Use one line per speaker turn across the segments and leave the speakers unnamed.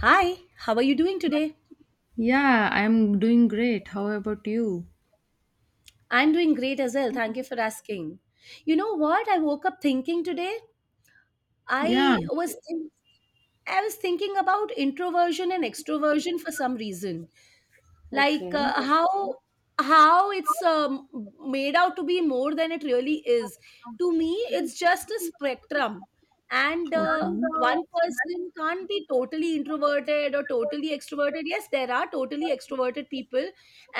Hi, how are you doing today?
Yeah, I'm doing great. How about you?
I'm doing great as well. Thank you for asking. You know what I woke up thinking today?
Yeah,
I was think- I was thinking about introversion and extroversion for some reason. Like how it's made out to be more than it really is. To me it's just a spectrum. And
okay.
one person can't be totally introverted or totally extroverted. Yes, there are totally extroverted people,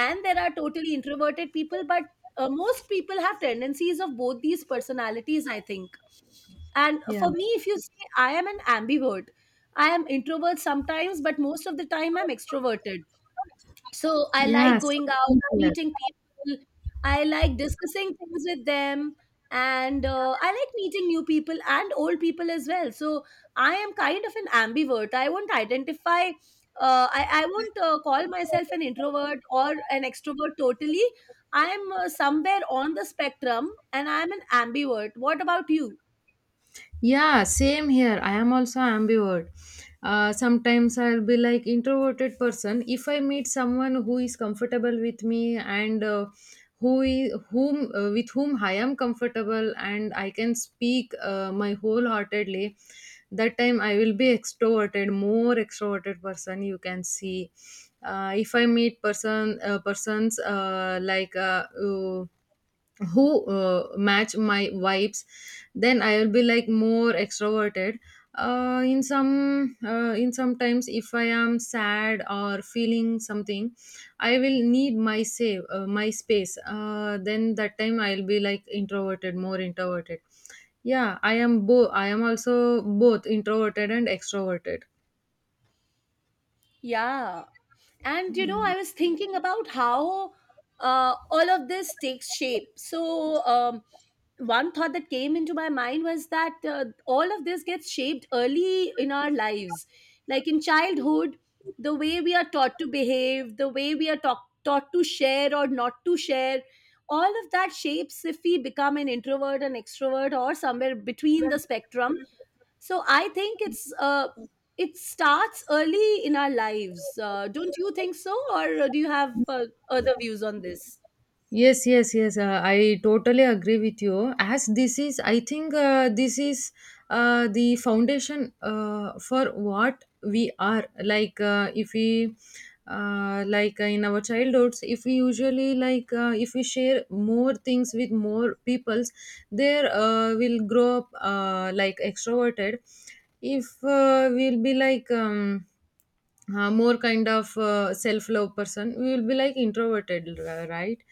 and there are totally introverted people, but most people have tendencies of both these personalities, I think. And
Yeah,
for me, if you say, I am an ambivert. I am introvert sometimes, but most of the time I'm extroverted. So I like
yes.
going out, meeting people. I like discussing things with them. And I like meeting new people and old people as well. So I am kind of an ambivert. I won't identify. I won't call myself an introvert or an extrovert totally. I'm somewhere on the spectrum, and I'm an ambivert. What about you?
Yeah, same here. I am also ambivert. Sometimes I'll be like introverted person. If I meet someone who is comfortable with me and who is, whom with whom I am comfortable and I can speak my wholeheartedly, that time I will be extroverted, more extroverted person. You can see. If I meet persons who match my vibes, then I will be like more extroverted. In sometimes, if I am sad or feeling something, I will need my space, then that time I'll be like introverted, more introverted. Yeah, I am both. I am also both introverted and extroverted.
Yeah. And you know, I
Mm.
was thinking about how all of this takes shape. So one thought that came into my mind was that all of this gets shaped early in our lives, like in childhood. The way we are taught to behave, the way we are taught to share or not to share, all of that shapes if we become an introvert, an extrovert, or somewhere between the spectrum. So I think it's it starts early in our lives. Don't you think so, or do you have other views on this?
Yes, yes, yes. I totally agree with you. As this is, I think this is the foundation for what we are. If we, In our childhoods, if we usually if we share more things with more peoples, there will grow up like extroverted. If we'll be like more kind of self-love person, we will be like introverted. Right,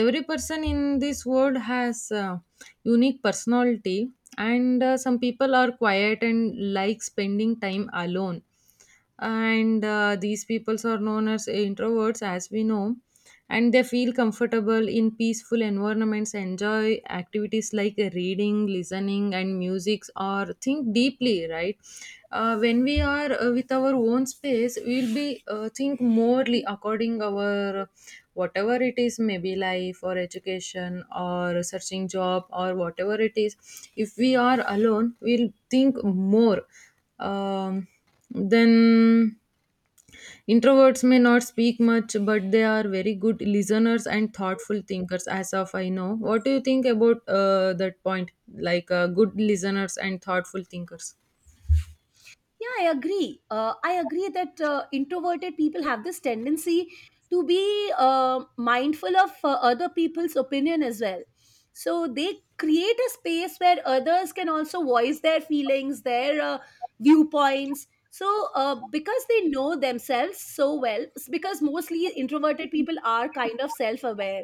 every person in this world has unique personality. And some people are quiet and like spending time alone, and these peoples are known as introverts, as we know. And they feel comfortable in peaceful environments, enjoy activities like reading, listening, and music, or think deeply, right? When we are with our own space, we'll be think morely according our whatever it is, maybe life or education or searching job or whatever it is. If we are alone, we'll think more. Um, then Introverts may not speak much, but they are very good listeners and thoughtful thinkers, as of I know. What do you think about that point? Like good listeners and thoughtful thinkers.
Yeah, I agree. I agree that introverted people have this tendency to be mindful of other people's opinion as well. So they create a space where others can also voice their feelings, their viewpoints. So, because they know themselves so well, because mostly introverted people are kind of self aware,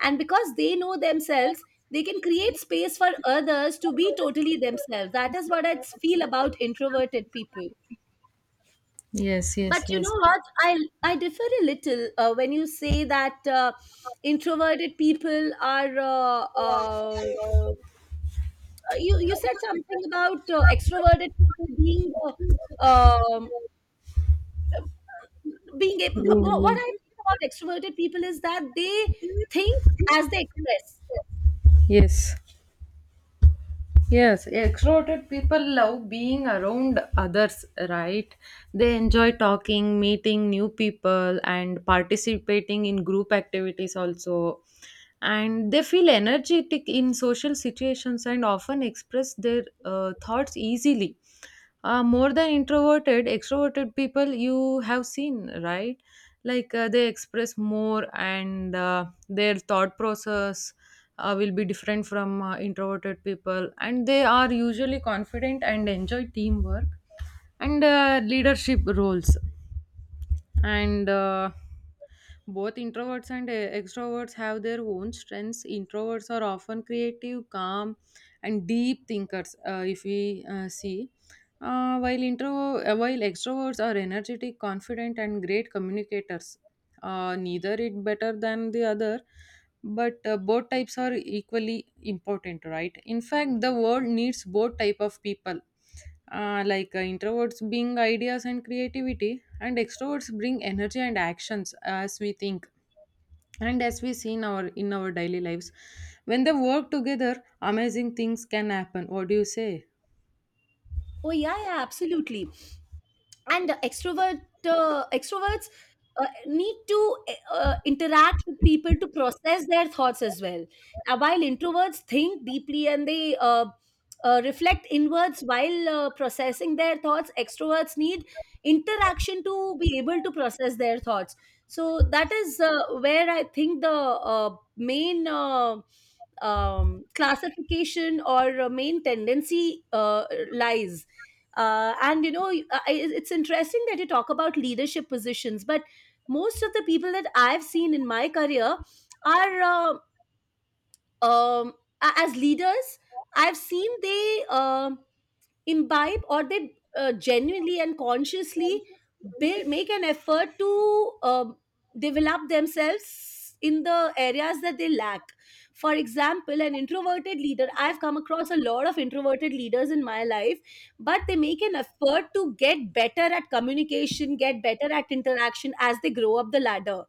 and because they know themselves, they can create space for others to be totally themselves. That is what I feel about introverted people.
Yes,
But
yes,
you
yes.
know what, i I differ a little when you say that introverted people are uh, you said something about extroverted people being um, being able, what
Mm,
I think about extroverted people is that they think as they express.
yes. Yes, extroverted people love being around others, right? They enjoy talking, meeting new people, and participating in group activities also. And they feel energetic in social situations and often express their thoughts easily, more than introverted. Extroverted people, you have seen, right? Like they express more, and their thought process will be different from introverted people, and they are usually confident and enjoy teamwork and leadership roles. And both introverts and extroverts have their own strengths. Introverts are often creative, calm, and deep thinkers, if we see. While extroverts are energetic, confident, and great communicators, neither it better than the other. But both types are equally important, right? In fact, the world needs both type of people. Introverts bring ideas and creativity, and extroverts bring energy and actions, as we think and as we see in our daily lives. When they work together, amazing things can happen. What do you say?
Oh yeah, yeah, absolutely. And okay, extroverts need to interact with people to process their thoughts as well. While introverts think deeply, and they reflect inwards while processing their thoughts, extroverts need interaction to be able to process their thoughts. So that is where I think the uh, main classification or main tendency uh, lies. And you know, it's interesting that you talk about leadership positions, but most of the people that I've seen in my career are um, as leaders, I've seen, they imbibe, or they genuinely and consciously build make an effort to develop themselves in the areas that they lack. For example, an introverted leader, I've come across a lot of introverted leaders in my life, but they make an effort to get better at communication, get better at interaction as they grow up the ladder.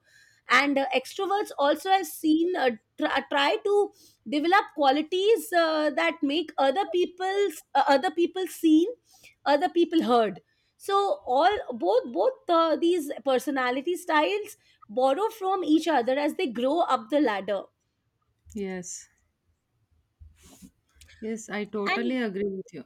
And extroverts also, have seen try to develop qualities that make other people seen, other people heard. So all, both these personality styles borrow from each other as they grow up the ladder.
Yes, yes, I
And
totally agree with you.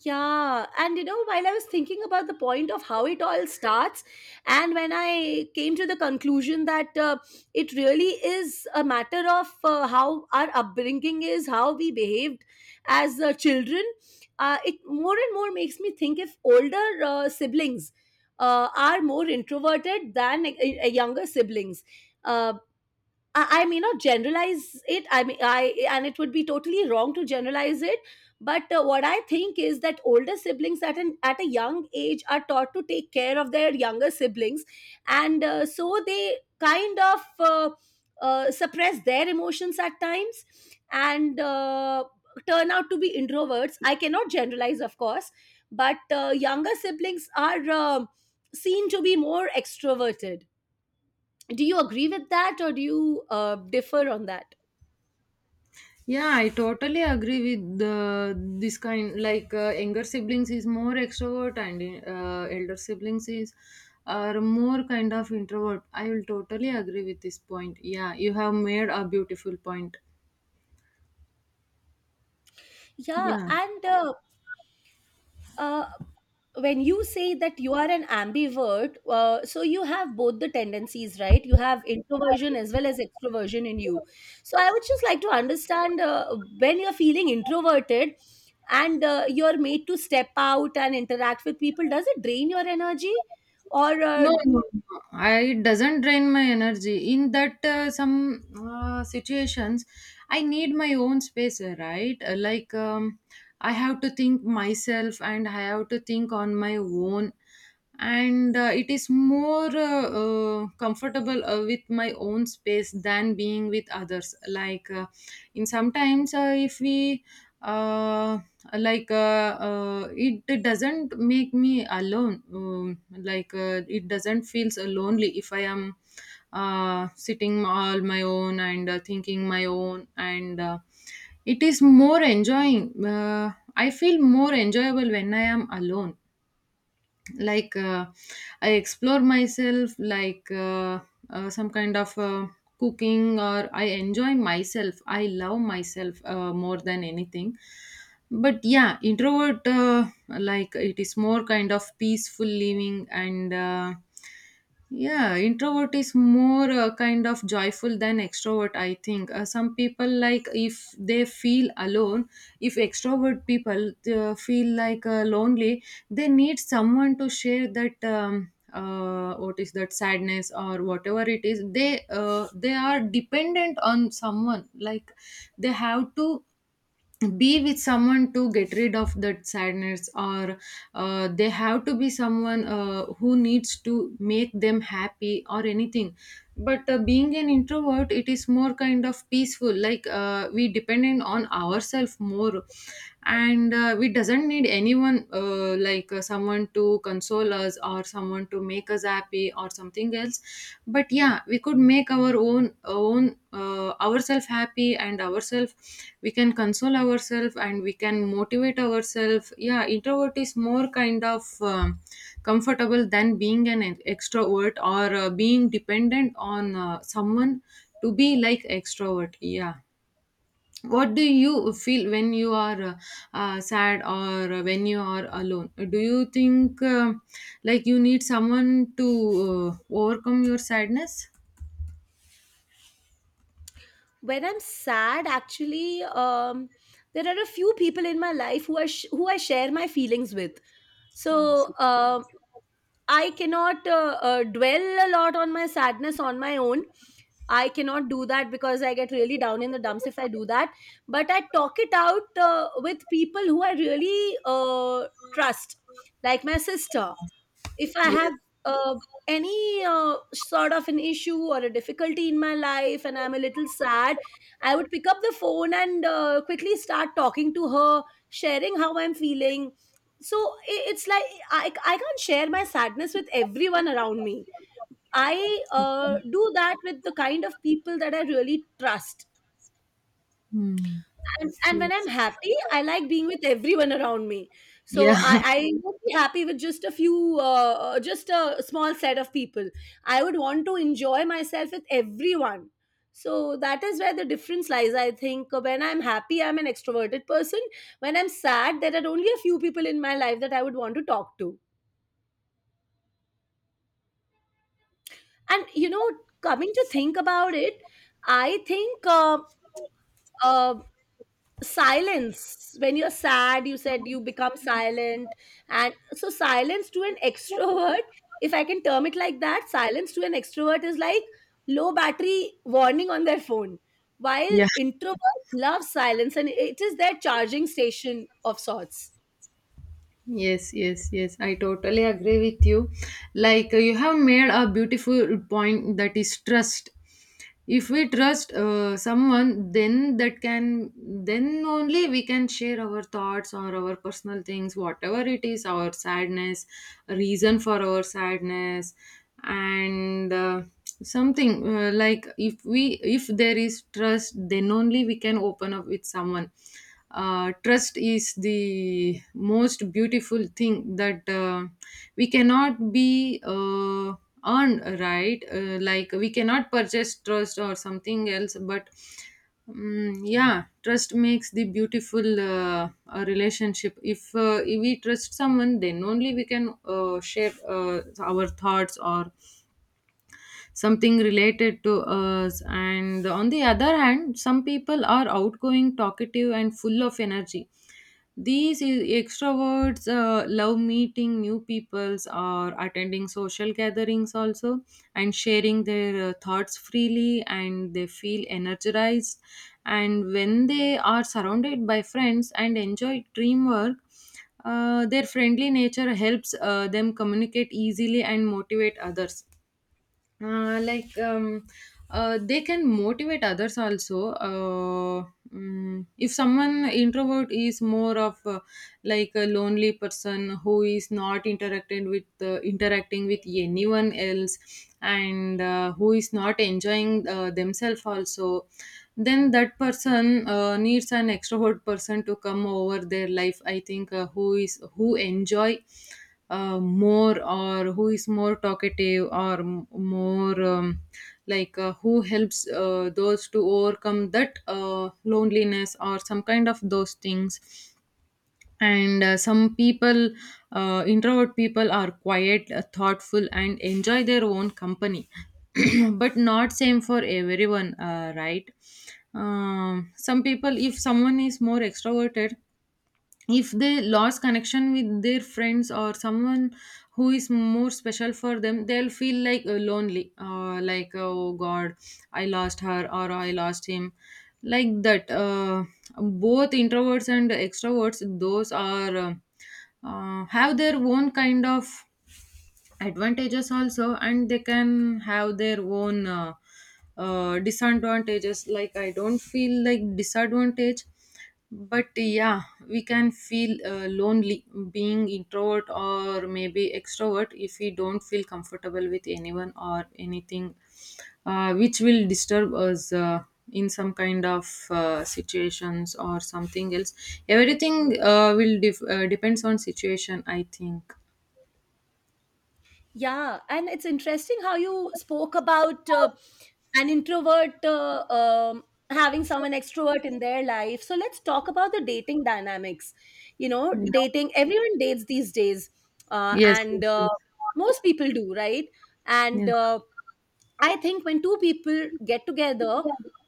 yeah, and you know, while I was thinking about the point of how it all starts, and when I came to the conclusion that it really is a matter of how our upbringing is, how we behaved as children, it more and more makes me think if older siblings are more introverted than younger siblings. Um I may not generalize it. I mean, I and it would be totally wrong to generalize it. But what I think is that older siblings at a young age are taught to take care of their younger siblings, and so they kind of suppress their emotions at times, and turn out to be introverts. I cannot generalize, of course, but younger siblings are seen to be more extroverted. Do you agree with that, or do you differ on that?
Yeah, I totally agree with this kind. Like younger siblings is more extrovert, and elder siblings is are more kind of introvert. I will totally agree with this point. Yeah, you have made a beautiful point.
Yeah.
Yeah.
And uh, uh, when you say that you are an ambivert, so you have both the tendencies, right? You have introversion as well as extroversion in you. So I would just like to understand, when you're feeling introverted and you're made to step out and interact with people, does it drain your energy, or
No, no, no. I, it doesn't drain my energy. In that some situations, I need my own space, right? Like, I have to think myself, and I have to think on my own. And it is more comfortable with my own space than being with others. Like in sometimes, if we uh, like uh, it doesn't make me alone. Like it doesn't feel so lonely if I am sitting all my own, and thinking my own, and it is more enjoying. I feel more enjoyable when I am alone. Like I explore myself. Like some kind of cooking, or I enjoy myself, I love myself more than anything. But yeah, introvert, like, it is more kind of peaceful living, and yeah, introvert is more kind of joyful than extrovert, I think. Some people, like, if they feel alone, if extrovert people feel like lonely, they need someone to share that what is that sadness or whatever it is. They are dependent on someone. Like they have to be with someone to get rid of that sadness, or they have to be someone who needs to make them happy or anything. But being an introvert, it is more kind of peaceful. Like we dependent on ourselves more, and we doesn't need anyone, like someone to console us or someone to make us happy or something else. But yeah, we could make our own ourselves happy and ourselves, we can console ourselves, and we can motivate ourselves. Yeah, introvert is more kind of comfortable than being an extrovert, or being dependent on someone to be like extrovert. Yeah. What do you feel when you are sad, or when you are alone? Do you think like you need someone to overcome your sadness?
when I'm sad, actually, there are a few people in my life who who I share my feelings with. So I cannot dwell a lot on my sadness on my own. I cannot do that because I get really down in the dumps if I do that. But I talk it out with people who I really trust, like my sister, if I have
Yes.
uh, any sort of an issue or a difficulty in my life, and I'm a little sad, I would pick up the phone and quickly start talking to her, sharing how I'm feeling. So it's like, I can't share my sadness with everyone around me. I do that with the kind of people that I really trust.
Hmm.
And when I'm happy, I like being with everyone around me. So
Yeah.
I won't be happy with just a few, just a small set of people. I would want to enjoy myself with everyone. So that is where the difference lies, I think. When I'm happy, I'm an extroverted person. When I'm sad, there are only a few people in my life that I would want to talk to. And you know, coming to think about it, I think uh, silence, when you're sad, you said you become silent. And so silence to an extrovert, if I can term it like that, silence to an extrovert is like low battery warning on their phone, while
Yeah.
introverts love silence and it is their charging station of sorts.
Yes, yes, yes. I totally agree with you. Like you have made a beautiful point, that is trust. If we trust someone, then that can, then only we can share our thoughts or our personal things, whatever it is, our sadness, reason for our sadness, and something, like if we, if there is trust, then only we can open up with someone. Trust is the most beautiful thing that we cannot be earned, right? Like we cannot purchase trust or something else. But yeah, trust makes the beautiful relationship. If, if we trust someone, then only we can share our thoughts or something related to us. And on the other hand, some people are outgoing, talkative, and full of energy. These extroverts love meeting new peoples or attending social gatherings also, and sharing their thoughts freely, and they feel energized and when they are surrounded by friends and enjoy teamwork. Their friendly nature helps them communicate easily and motivate others. uh, like um, they can motivate others also. If someone introvert is more of like a lonely person who is not interacting with interacting with anyone else, and who is not enjoying themselves also, then that person needs an extrovert person to come over their life, I think, who is who enjoy more, or who is more talkative, or more like, who helps those to overcome that loneliness or some kind of those things. And some people, introvert people are quiet, thoughtful, and enjoy their own company. But not same for everyone, right? Some people, if someone is more extroverted, if they lost connection with their friends or someone who is more special for them, they'll feel like lonely, like, oh god, I lost her, or I lost him. Like that, both introverts and extroverts, those are have their own kind of advantages also, and they can have their own disadvantages. Like, I don't feel like disadvantage, but yeah, we can feel lonely being introvert or maybe extrovert, if we don't feel comfortable with anyone or anything, which will disturb us in some kind of situations or something else. Everything will depends on situation, I think.
Yeah, and it's interesting how you spoke about an introvert having someone extrovert in their life. So let's talk about the dating dynamics. You know,
Yeah.
dating, everyone dates these days, uh,
Yes,
and
yes,
uh, most people do, right? And
yes,
I think when two people get together,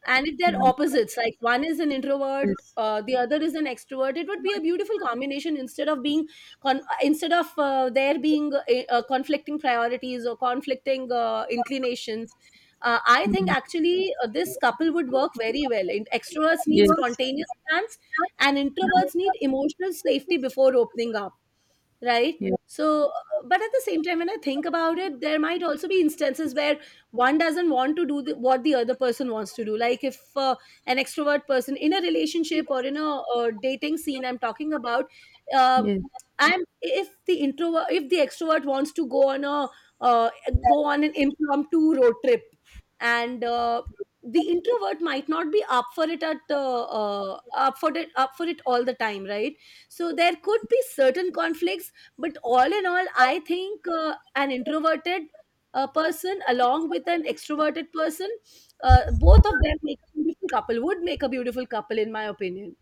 and if they're
yes,
opposites, like one is an introvert, the other is an extrovert, it would be a beautiful combination, instead of being instead of there being conflicting priorities or conflicting inclinations. I think
mm,
actually this couple would work very well. In- extroverts need
yes,
spontaneous plans, and introverts
mm,
need emotional safety before opening up, right?
yes, mm, yes,
So, but at the same time, when I think about it, there might also be instances where one doesn't want to do the, what the other person wants to do. Like if an extrovert person in a relationship or in a, dating scene, I'm talking about, um,
yes.
I'm if the introvert, if the extrovert wants to go on a uh, go on an impromptu road trip, and the introvert might not be up for it at up for it all the time, right? So there could be certain conflicts, but all in all, I think an introverted person along with an extroverted person, both of them make a beautiful couple, would make a beautiful couple, in my opinion.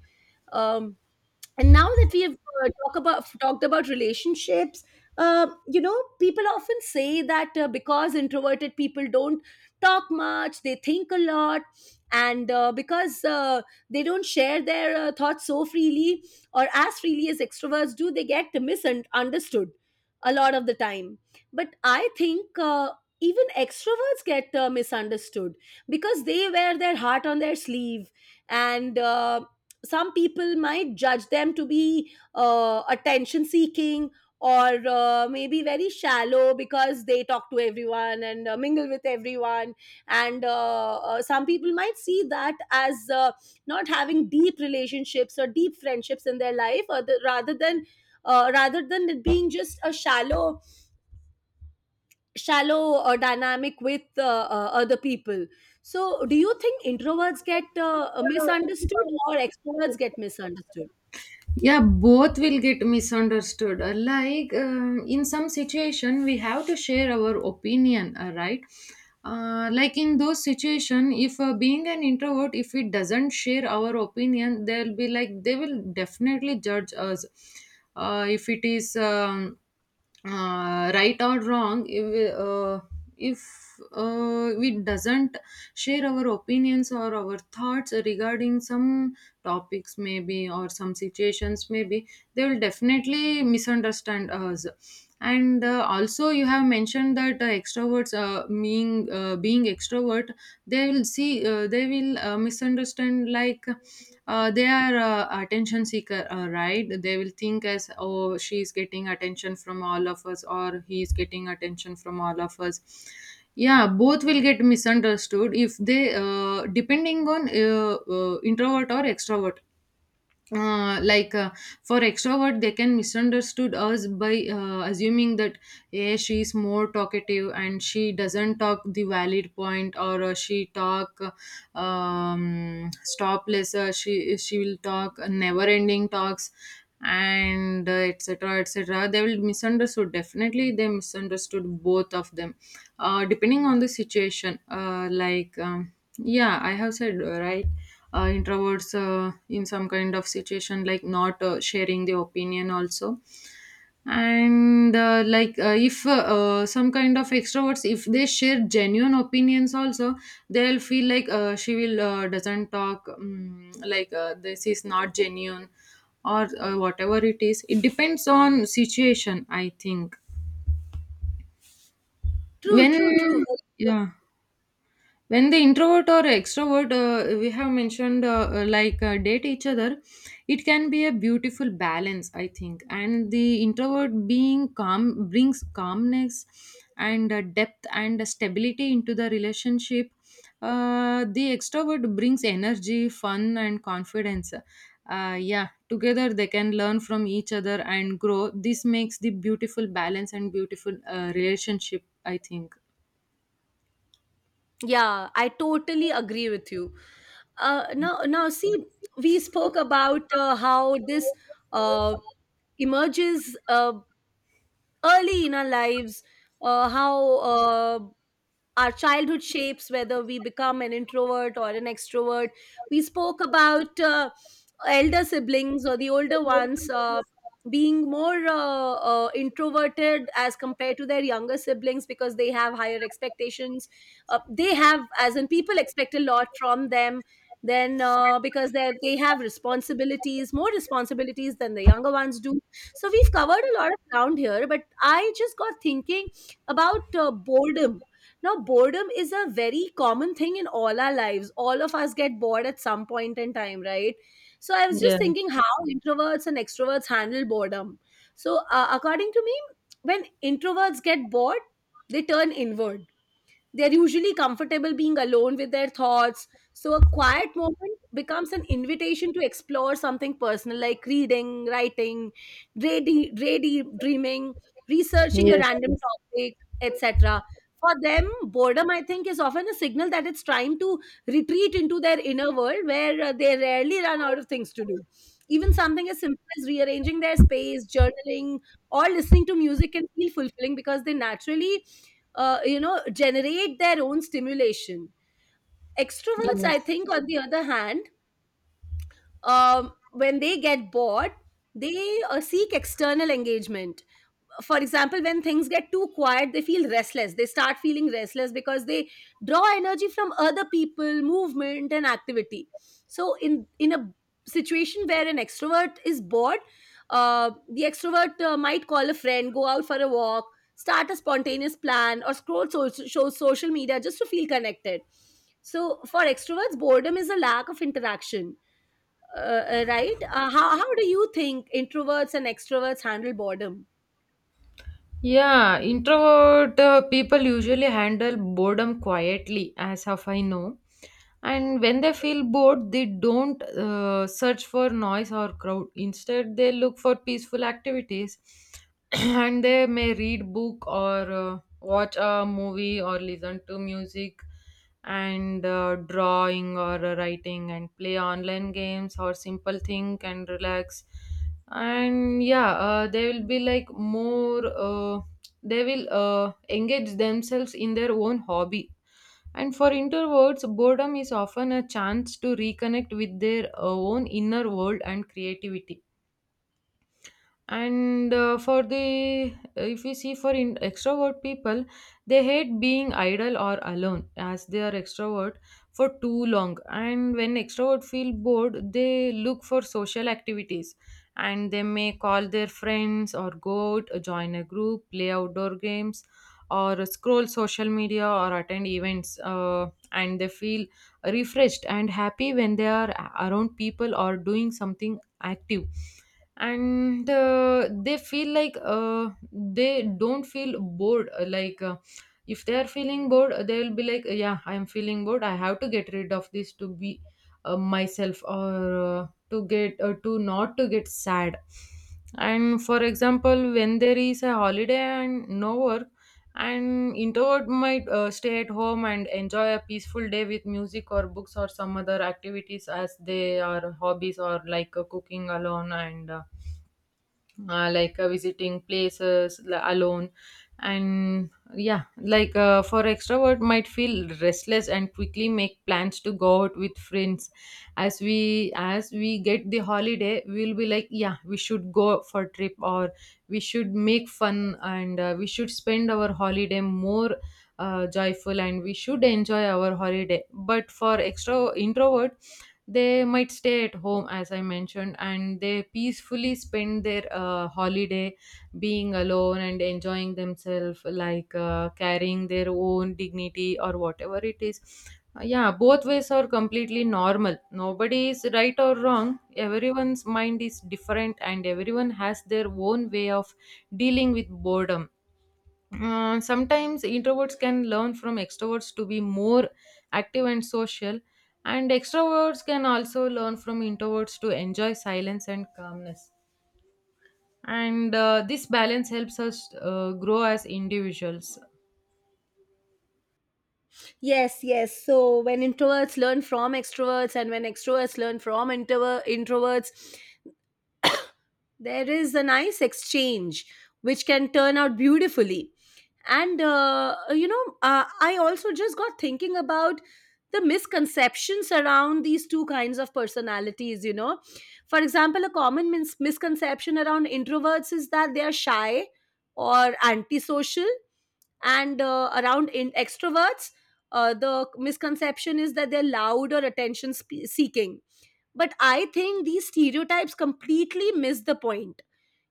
Um, and now that we have talked about relationships, you know, people often say that because introverted people don't talk much, they think a lot, and because they don't share their thoughts so freely or as freely as extroverts do, they get misunderstood a lot of the time. But I think even extroverts get misunderstood because they wear their heart on their sleeve, and some people might judge them to be attention seeking, or maybe very shallow, because they talk to everyone and mingle with everyone, and some people might see that as not having deep relationships or deep friendships in their life, or rather than it being just a shallow dynamic with other people. So do you think introverts get misunderstood, or extroverts get misunderstood?
Yeah, both will get misunderstood. Like in some situation, we have to share our opinion, right? Like in those situation, if being an introvert, if we doesn't share our opinion, they'll be like, they will definitely judge us. If it is. Right or wrong if we doesn't share our opinions or our thoughts regarding some topics maybe or some situations maybe, they will definitely misunderstand us. And also you have mentioned that extroverts, being extrovert, they will misunderstand, like they are attention seeker, right? They will think as, oh, she's getting attention from all of us or he's getting attention from all of us. Yeah, both will get misunderstood if they depending on introvert or extrovert. uh, like uh, for extrovert, they can misunderstood us by assuming that, yeah, she is more talkative and she doesn't talk the valid point, or she talk stopless. She will talk never ending talks, and etc etc. They will misunderstood, definitely they misunderstood both of them, depending on the situation. Yeah, I have said, right? Introverts, in some kind of situation, like not sharing the opinion also. And like if some kind of extroverts, if they share genuine opinions also, they'll feel like, she will doesn't talk, this is not genuine, or whatever it is. It depends on situation, I think.
True,
when
true, true.
yeah when the introvert or extrovert, we have mentioned, date each other, it can be a beautiful balance, I think. And the introvert being calm brings calmness and depth and stability into the relationship. The extrovert brings energy, fun and confidence. Yeah, together they can learn from each other and grow. This makes the beautiful balance and beautiful relationship, I think.
Yeah, I totally agree with you. Now, see, we spoke about how this uh, emerges early in our lives, how our childhood shapes, whether we become an introvert or an extrovert. We spoke about elder siblings or the older ones being more introverted as compared to their younger siblings because they have higher expectations. They have, as in, people expect a lot from them. Then, because they have responsibilities, more responsibilities than the younger ones do. So we've covered a lot of ground here, but I just got thinking about boredom. Now, boredom is a very common thing in all our lives. All of us get bored at some point in time, right? So, I was just
Yeah.
thinking how introverts and extroverts handle boredom. So, according to me, when introverts get bored, they turn inward. They're usually comfortable being alone with their thoughts. So, a quiet moment becomes an invitation to explore something personal like reading, writing, dreaming, researching a
Yes.
random
Yes.
topic, etc. For them, boredom, I think, is often a signal that it's time to retreat into their inner world where they rarely run out of things to do. Even something as simple as rearranging their space, journaling, or listening to music can feel fulfilling because they naturally generate their own stimulation. Extroverts, I think, on the other hand, when they get bored, they seek external engagement. For example, when things get too quiet, they feel restless. They start feeling restless because they draw energy from other people, movement and activity. So, in a situation where an extrovert is bored, the extrovert might call a friend, go out for a walk, start a spontaneous plan, or scroll social media just to feel connected. So for extroverts, boredom is a lack of interaction. Right. How do you think introverts and extroverts handle boredom?
Yeah, introvert people usually handle boredom quietly, as of I know. And when they feel bored, they don't search for noise or crowd. Instead, they look for peaceful activities. And they may read book, or watch a movie, or listen to music, and drawing or writing and play online games, or simple think and relax. And yeah, they will be like more they will engage themselves in their own hobby. And for introverts, boredom is often a chance to reconnect with their own inner world and creativity. And for the if we see for extrovert people, they hate being idle or alone, as they are extrovert for too long. And when extrovert feel bored, they look for social activities, and they may call their friends, or go out, join a group, play outdoor games, or scroll social media, or attend events. And they feel refreshed and happy when they are around people or doing something active. And they feel like they don't feel bored. If they are feeling bored, they will be like, yeah, I am feeling bored, I have to get rid of this to be myself, or to not to get sad. And for example, when there is a holiday and no work, an introvert might stay at home and enjoy a peaceful day with music or books or some other activities, as they are hobbies, or like cooking alone, and visiting places alone. And yeah, for extrovert, might feel restless and quickly make plans to go out with friends. As we get the holiday, we'll be like, yeah, we should go for trip, or we should make fun, and we should spend our holiday more joyful, and we should enjoy our holiday. But for extro introvert, they might stay at home, as I mentioned, and they peacefully spend their holiday being alone and enjoying themselves, like carrying their own dignity or whatever it is. Yeah, both ways are completely normal. Nobody is right or wrong. Everyone's mind is different, and everyone has their own way of dealing with boredom. Sometimes introverts can learn from extroverts to be more active and social, and extroverts can also learn from introverts to enjoy silence and calmness. And this balance helps us grow as individuals.
Yes, yes. So when introverts learn from extroverts and when extroverts learn from introverts, there is a nice exchange which can turn out beautifully. And, you know, I also just got thinking about the misconceptions around these two kinds of personalities, you know. For example, a common misconception around introverts is that they are shy or antisocial, and around in extroverts, the misconception is that they're loud or attention seeking. But I think these stereotypes completely miss the point.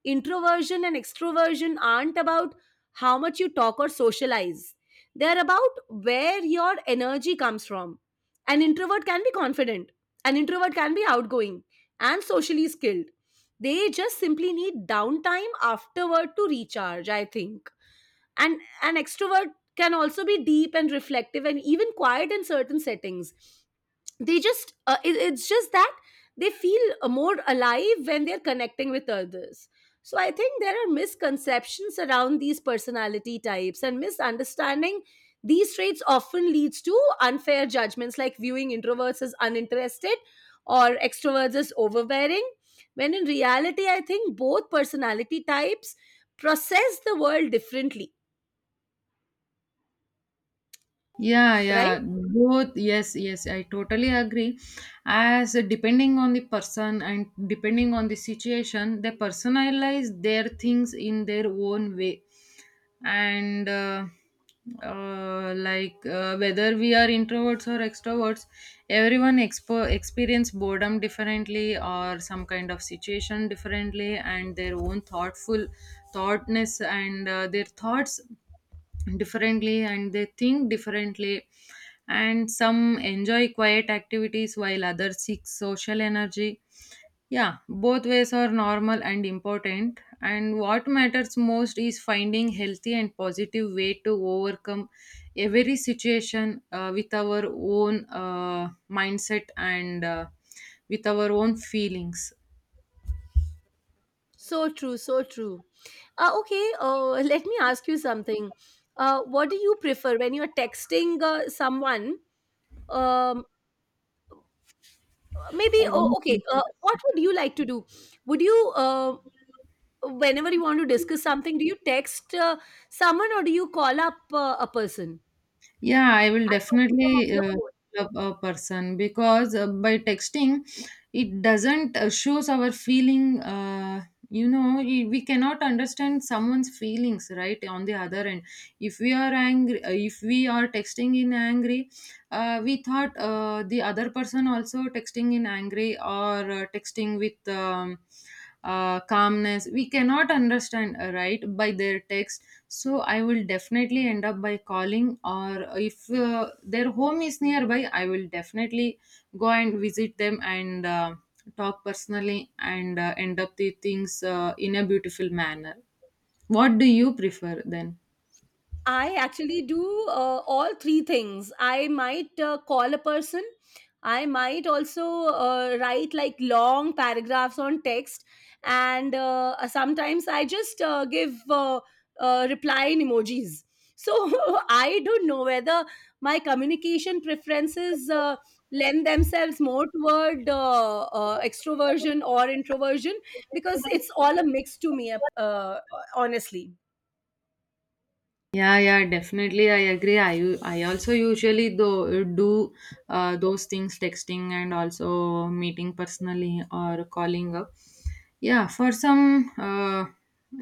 Introversion and extroversion aren't about how much you talk or socialize. They're about where your energy comes from. An introvert can be confident, an introvert can be outgoing and socially skilled. They just simply need downtime afterward to recharge, I think. And an extrovert can also be deep and reflective and even quiet in certain settings. They just it's just that they feel more alive when they're connecting with others. So I think there are misconceptions around these personality types, and misunderstanding these traits often leads to unfair judgments, like viewing introverts as uninterested or extroverts as overbearing, when in reality I think both personality types process the world differently,
Yeah,
right?
yeah, both. Yes, yes, I totally agree. As depending on the person and depending on the situation, they personalize their things in their own way. And like Whether we are introverts or extroverts, everyone experience boredom differently, or some kind of situation differently, and their own thoughtful thoughtness and their thoughts differently, and they think differently. And some enjoy quiet activities while others seek social energy. Yeah, both ways are normal and important, and what matters most is finding healthy and positive way to overcome every situation with our own mindset and with our own feelings.
So true, so true. Okay, let me ask you something. What do you prefer when you're texting someone? Um, Maybe, oh, okay, what would you like to do? Would you, whenever you want to discuss something, do you text someone or do you call up a person?
Yeah, I will
I talk to them over
definitely
the phone.
love a person, because by texting, it doesn't shows our feeling. We cannot understand someone's feelings, right? On the other end, if we are angry, if we are texting in angry, we thought the other person also texting in angry, or texting with, calmness, we cannot understand, right, by their text. So I will definitely end up by calling, or if their home is nearby, I will definitely go and visit them and talk personally and end up the things in a beautiful manner. What do you prefer then?
I actually do all three things. I might call a person. I might also write like long paragraphs on text, and sometimes I just give reply in emojis. So I don't know whether my communication preferences lend themselves more toward extroversion or introversion, because it's all a mix to me, honestly.
Yeah, yeah, definitely, I agree. I also usually do those things, texting and also meeting personally or calling up. Yeah, for some, uh,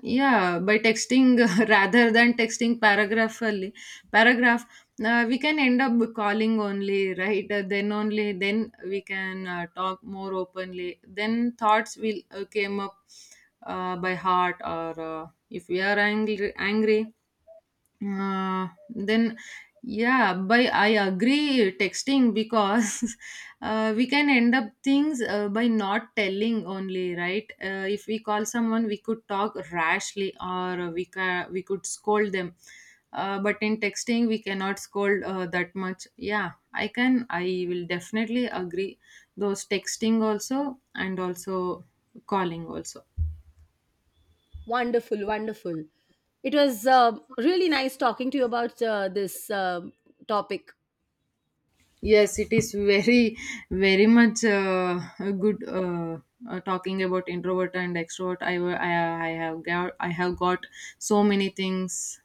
yeah, by texting, rather than texting paragraphally, paragraph, we can end up calling only, right? Then only then we can talk more openly. Then thoughts will came up by heart, or if we are angry, angry, then yeah, by, I agree, texting, because we can end up things by not telling only, right? If we call someone, we could talk rashly, or we could scold them, but in texting we cannot scold that much. Yeah, I can, I will definitely agree those texting also and also calling also.
Wonderful, wonderful. It was really nice talking to you about this topic.
Yes, it is very, very much a good, talking about introvert and extrovert. I have got so many things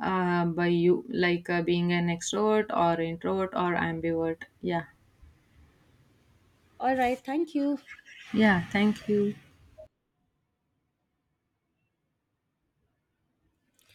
by you, like being an extrovert or introvert or ambivert. Yeah,
All right, thank you.
yeah. Thank you.